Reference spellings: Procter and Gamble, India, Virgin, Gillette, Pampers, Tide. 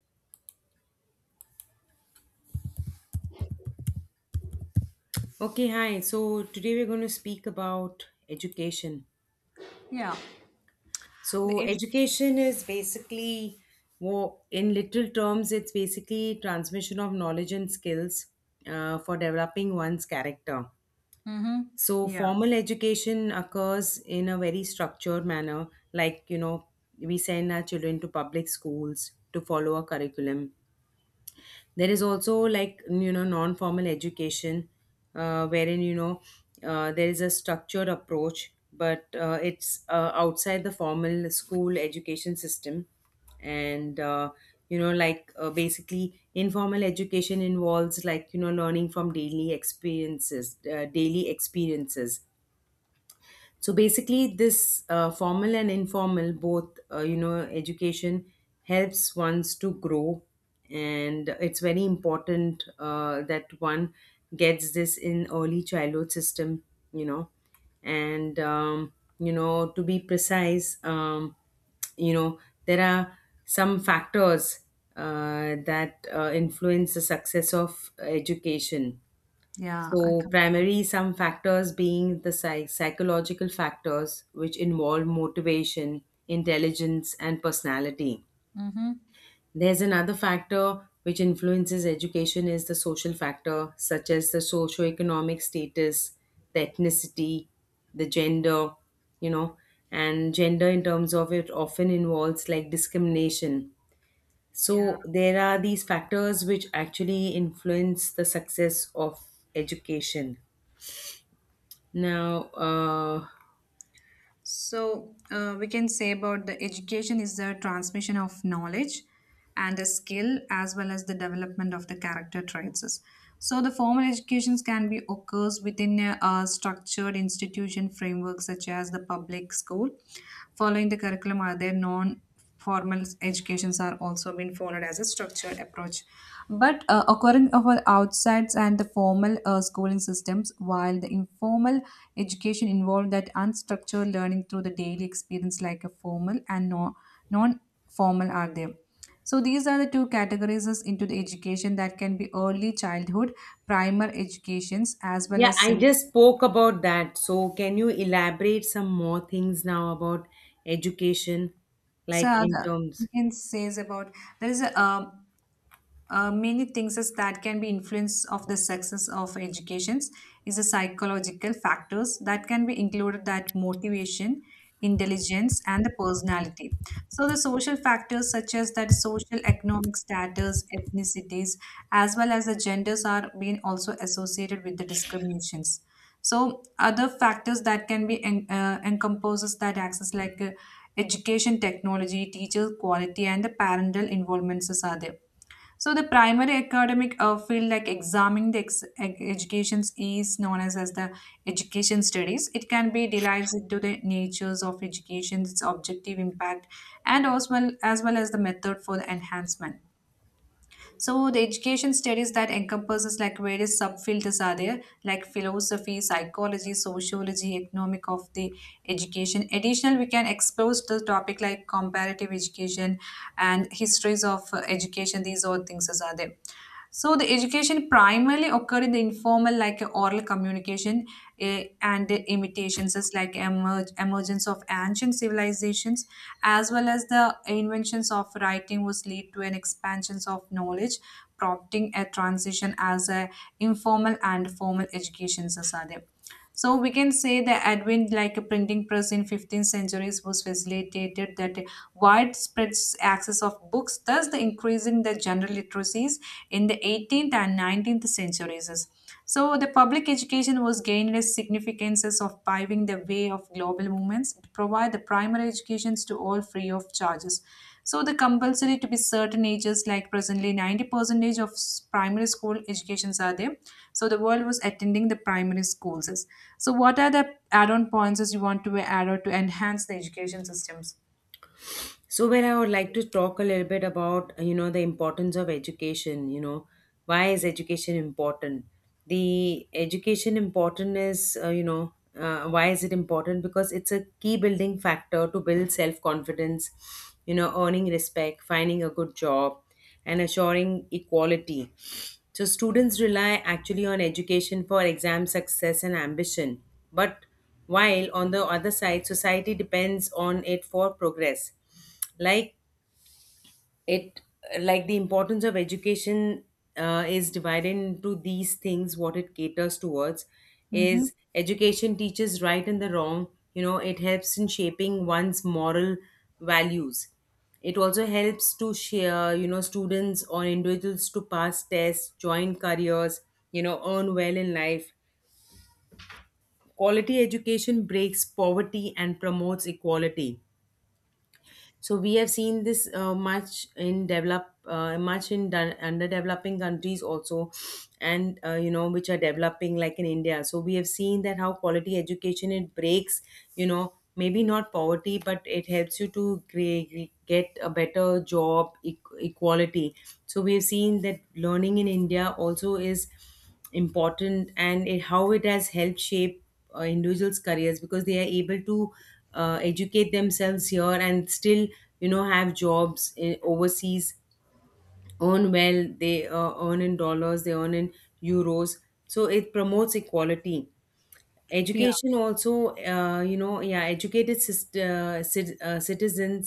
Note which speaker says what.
Speaker 1: Okay, hi. So today we're going to speak about education.
Speaker 2: Yeah. The
Speaker 1: So
Speaker 2: edu-
Speaker 1: education is basically, in literal terms, it's basically transmission of knowledge and skills for developing one's character.
Speaker 2: Mm-hmm.
Speaker 1: So
Speaker 2: Yeah.
Speaker 1: formal education occurs in a very structured manner, like you know, we send our children to public schools to follow a curriculum. There is also like you know non-formal education, wherein you know there is a structured approach, but it's outside the formal school education system, and you know like basically informal education involves like you know learning from daily experiences, so basically this formal and informal both you know education helps ones to grow and it's very important that one gets this in early childhood system you know and you know to be precise you know there are some factors that influence the success of education.
Speaker 2: Yeah. I
Speaker 1: So,
Speaker 2: come.
Speaker 1: primary some factors being the psychological factors, which involve motivation, intelligence, and personality.
Speaker 2: Mm-hmm.
Speaker 1: There's another factor which influences education is the social factor, such as the socioeconomic status, the ethnicity, the gender, you know, and gender in terms of it often involves like discrimination.
Speaker 2: Yeah.
Speaker 1: So there are these factors which actually influence the success of education. Now,
Speaker 2: So we can say about the education is the transmission of knowledge and a skill as well as the development of the character traits. So the formal educations can be occurs within a structured institution framework such as the public school. Following the curriculum are there non formal educations are also being followed as a structured approach but occurring over outsides and the formal schooling systems, while the informal education involved that unstructured learning through the daily experience like a formal and no, non-formal are there. So these are the two categories as into the education that can be early childhood primer educations as well
Speaker 1: yeah,
Speaker 2: as
Speaker 1: I just spoke about that. So, can you elaborate some more things now about education,
Speaker 2: so
Speaker 1: like in
Speaker 2: we
Speaker 1: terms?
Speaker 2: can say is about there is a many things is that can be influence of the success of educations is the psychological factors that can be included that motivation, intelligence, and the personality. So the social factors such as that social economic status, ethnicities, as well as the genders are being also associated with the discriminations. So other factors that can be encompasses that access like education technology, teacher quality, and the parental involvements are there. So the primary academic field, like examining the educations, is known as the education studies. It can be divided into the natures of education, its objective impact, and as well as the method for the enhancement. So the education studies that encompasses like various subfields are there, like philosophy, psychology, sociology, economic of the education. Additional, we can explore the topic like comparative education and histories of education. These all things are there. So the education primarily occurred in the informal, like oral communication, and the imitations, as like emergence of ancient civilizations, as well as the inventions of writing, was lead to an expansion of knowledge, prompting a transition as a informal and formal education. Sasadeb. So we can say the advent like a printing press in 15th centuries was facilitated that widespread access of books, thus the increasing the general literacies in the 18th and 19th centuries. So the public education was gained the significances of paving the way of global movements. It provided the primary educations to all free of charges. So the compulsory to be certain ages, like presently 90 percentage of primary school educations are there. So the world was attending the primary schools. So what are the add-on points as you want to add on to enhance the education systems?
Speaker 1: So, where I would like to talk a little bit about, you know, the importance of education, you know, why is education important? The education important is, you know, why is it important? Because it's a key building factor to build self confidence, you know, earning respect, finding a good job, and assuring equality. So, students rely actually on education for exam success and ambition. But while on the other side, society depends on it for progress, like it, like the importance of education is divided into these things what it caters towards
Speaker 2: Hmm.
Speaker 1: is education teaches right and the wrong, you know it helps in shaping one's moral values. It also helps to share, you know, students or individuals to pass tests, join careers, you know, earn well in life. Quality education breaks poverty and promotes equality. So we have seen this much in done under developing countries also, and you know which are developing like in India. So we have seen that how quality education it breaks, you know, maybe not poverty, but it helps you to get a better job, equality. So we have seen that learning in India also is important and it, how it has helped shape individuals' careers because they are able to educate themselves here and still, you know, have jobs in, overseas, earn well, they earn in dollars, they earn in euros. So it promotes equality.
Speaker 2: Yeah.
Speaker 1: Education also, you know, yeah, educated citizens,